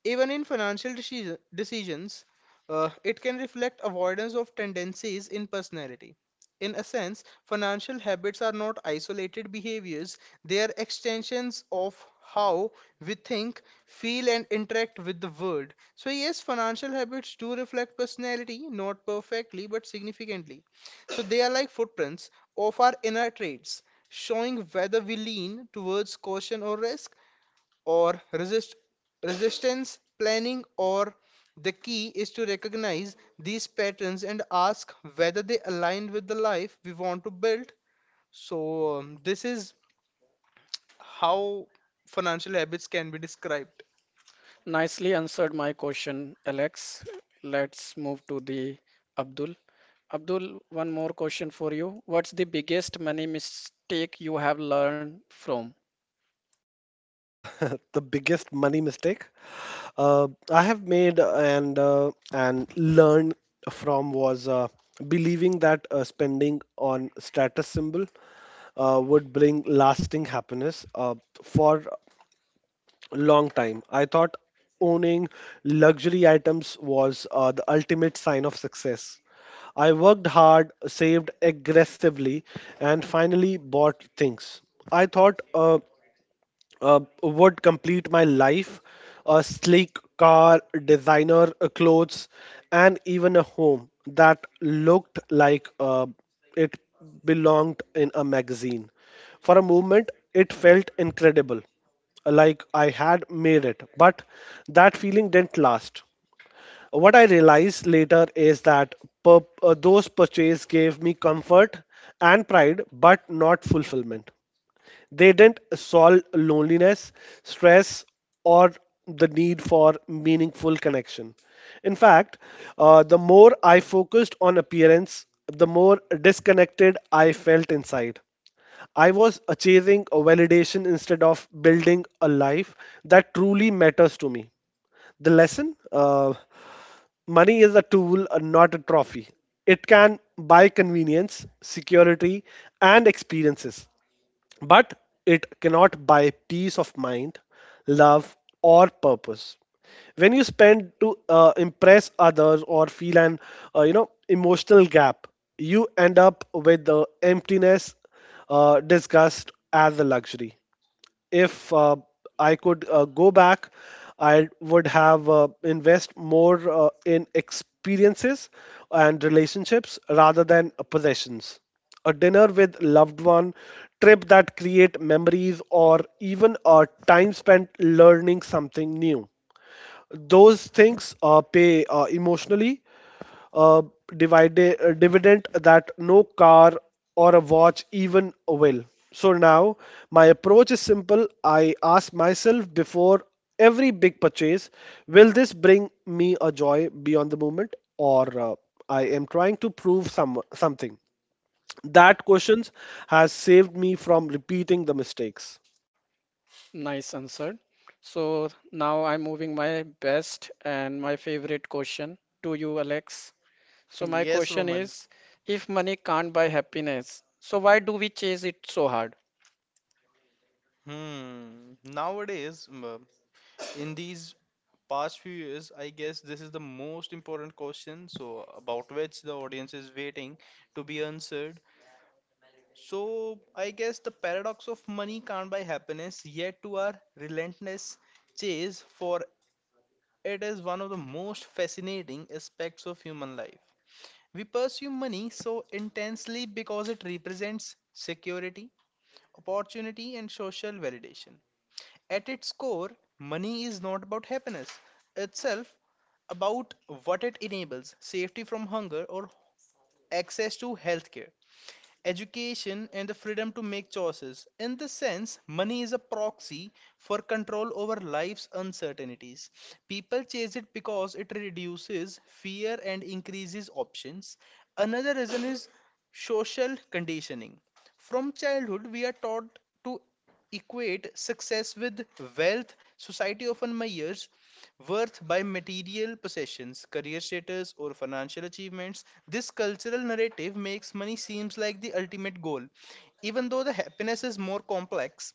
[SPEAKER 3] Even in financial decisions, it can reflect avoidance of tendencies in personality. In a sense, financial habits are not isolated behaviors, they are extensions of how we think, feel, and interact with the world. So, yes, financial habits do reflect personality, not perfectly, but significantly. So, they are like footprints of our inner traits, showing whether we lean towards caution or risk or resistance planning or the key is to recognize these patterns and ask whether they align with the life we want to build. So this is how financial habits can be described.
[SPEAKER 1] Nicely answered my question, Alex. Let's move to the Abdul. Abdul, one more question for you. What's the biggest money mistake you have learned from?
[SPEAKER 2] uh, the biggest money mistake I have made and learned from was believing that spending on status symbol would bring lasting happiness for a long time. I thought owning luxury items was the ultimate sign of success. I worked hard, saved aggressively, and finally bought things, I thought, would complete my life. A sleek car, designer clothes, and even a home that looked like it belonged in a magazine. For a moment, it felt incredible, like I had made it, but that feeling didn't last. What I realized later is that those purchases gave me comfort and pride, but not fulfillment. They didn't solve loneliness, stress, or the need for meaningful connection. In fact, the more I focused on appearance, the more disconnected I felt inside. I was chasing a validation instead of building a life that truly matters to me. The lesson, money is a tool, not a trophy. It can buy convenience, security, and experiences, but it cannot buy peace of mind, love, or purpose. When you spend to impress others or feel an, you know, emotional gap, you end up with the emptiness, disgust as a luxury. If I could go back, I would have invest more in experiences and relationships rather than possessions. A dinner with loved one, trip that create memories, or even a time spent learning something new. Those things pay emotionally uh, dividend that no car or a watch even will. So now my approach is simple. I ask myself before every big purchase, will this bring me a joy beyond the moment, or I am trying to prove something. That questions has saved me from repeating the mistakes.
[SPEAKER 1] Nice answer. So now I'm moving my best and my favorite question to you, Alex. So my
[SPEAKER 3] Yes,
[SPEAKER 1] question
[SPEAKER 3] Roman.
[SPEAKER 1] is, if money can't buy happiness, so why do we chase it so hard?
[SPEAKER 3] Hmm. Nowadays, in these past few years, I guess this is the most important question, so about which the audience is waiting to be answered. So I guess the paradox of money can't buy happiness, yet to our relentless chase for it is one of the most fascinating aspects of human life. We pursue money so intensely because it represents security, opportunity, and social validation. At its core, money is not about happiness itself, about what it enables safety from hunger or access to healthcare. Education, and the freedom to make choices. In this sense, money is a proxy for control over life's uncertainties. People chase it because it reduces fear and increases options. Another reason is social conditioning. From childhood, we are taught to equate success with wealth. Society often measures worth by material possessions, career status, or financial achievements. This cultural narrative makes money seems like the ultimate goal, even though the happiness is more complex.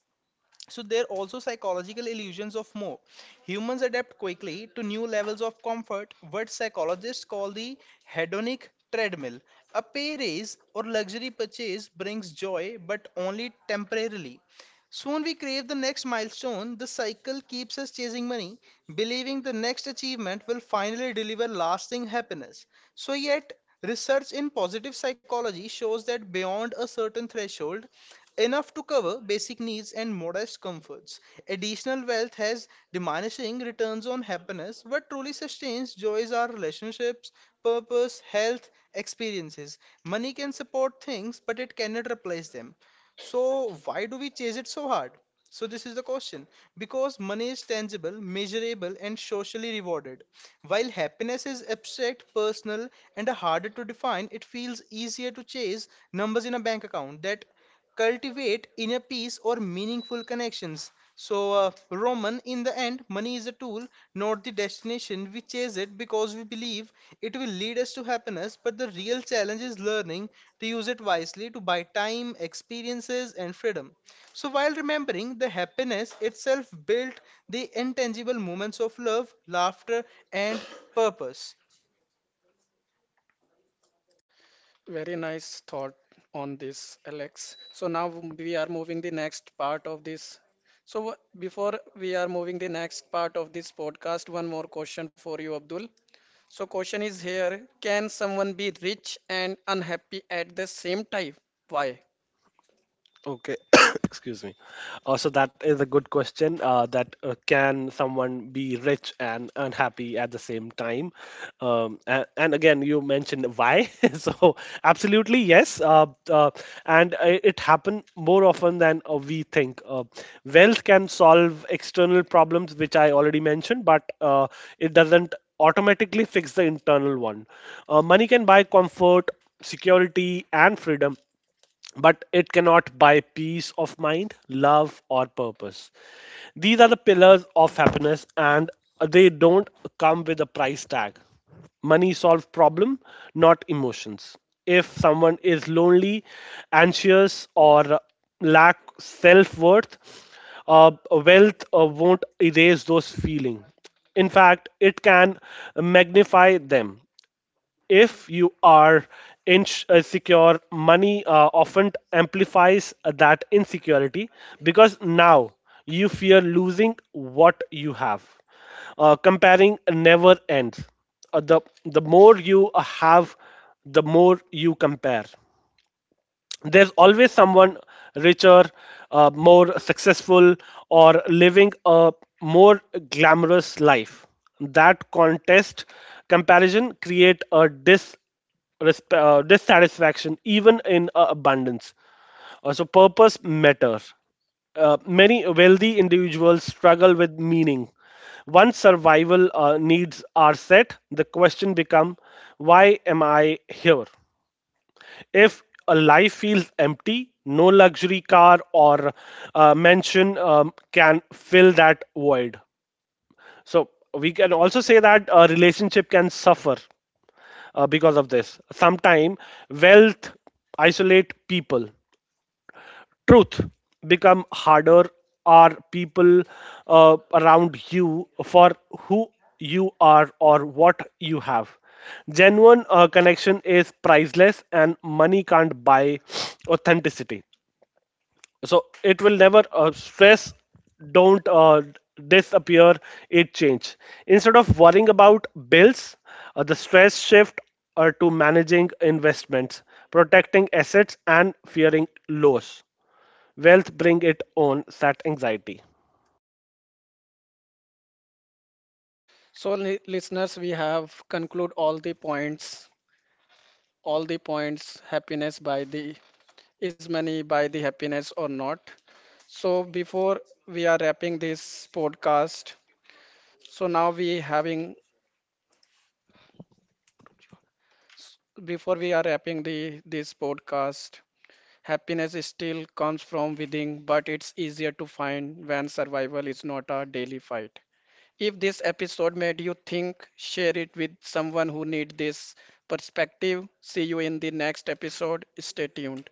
[SPEAKER 3] So there are also psychological illusions of more. Humans adapt quickly to new levels of comfort, what psychologists call the hedonic treadmill. A pay raise or luxury purchase brings joy, but only temporarily. Soon we crave the next milestone. The cycle keeps us chasing money, believing the next achievement will finally deliver lasting happiness. So, yet, research in positive psychology shows that beyond a certain threshold, enough to cover basic needs and modest comforts. Additional wealth has diminishing returns on happiness, but truly sustains joys are relationships, purpose, health, experiences. Money can support things, but it cannot replace them. So, why do we chase it so hard? So, this is the question. Because money is tangible, measurable, and socially rewarded. While happiness is abstract, personal, and harder to define, it feels easier to chase numbers in a bank account that cultivate inner peace or meaningful connections. So, Roman, in the end, money is a tool, not the destination. We chase it because we believe it will lead us to happiness, but the real challenge is learning to use it wisely to buy time, experiences, and freedom. So, while remembering the happiness itself built the intangible moments of love, laughter, and purpose.
[SPEAKER 1] Very nice thought on this, Alex. So now we are moving the next part of this. Before we are moving the next part of this podcast, one more question for you, Abdul. So question is here, can someone be rich and unhappy at the same time? Why?
[SPEAKER 2] Okay, excuse me. So that is a good question. That can someone be rich and unhappy at the same time? And again, you mentioned why. So absolutely yes. And it happen more often than we think. Wealth can solve external problems, which I already mentioned, but it doesn't automatically fix the internal one. Money can buy comfort, security, and freedom, but it cannot buy peace of mind, love, or purpose. These are the pillars of happiness, and they don't come with a price tag. Money solves problem, not emotions. If someone is lonely, anxious, or lack self worth, wealth won't erase those feelings. In fact, it can magnify them. If you are inch secure, money often amplifies that insecurity, because now you fear losing what you have. Uh, comparing never ends. The more you have, the more you compare. There's always someone richer, more successful, or living a more glamorous life. That contest comparison create a dissatisfaction even in abundance. So purpose matter. Many wealthy individuals struggle with meaning. Once survival needs are set, the question become, why am I here? If a life feels empty, no luxury car or mansion, can fill that void. So we can also say that a relationship can suffer because of this. Sometime wealth isolate people. Truth become harder. Are people around you for who you are or what you have? Genuine connection is priceless, and money can't buy authenticity. So it will never, stress don't disappear, it change. Instead of worrying about bills, the stress shift to managing investments, protecting assets, and fearing loss. Wealth bring it own, that anxiety.
[SPEAKER 1] So, listeners, we have conclude all the points, happiness by the is money by the happiness or not. So, before we are wrapping this podcast, so now we having before we are wrapping the this podcast, happiness is still comes from within, but it's easier to find when survival is not a daily fight. If this episode made you think, share it with someone who needs this perspective. See you in the next episode. Stay tuned.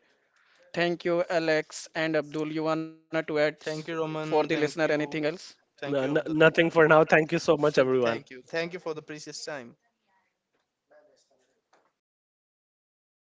[SPEAKER 1] Thank you, Alex and Abdul. You wanna to add
[SPEAKER 3] Thank you, Roman.
[SPEAKER 1] for the
[SPEAKER 3] Thank
[SPEAKER 1] listener
[SPEAKER 3] you.
[SPEAKER 1] anything else?
[SPEAKER 3] Thank you,
[SPEAKER 2] No,
[SPEAKER 3] Abdul.
[SPEAKER 2] no, nothing for now. Thank you so much,
[SPEAKER 3] Thank
[SPEAKER 2] everyone.
[SPEAKER 3] you. Thank you for the precious time.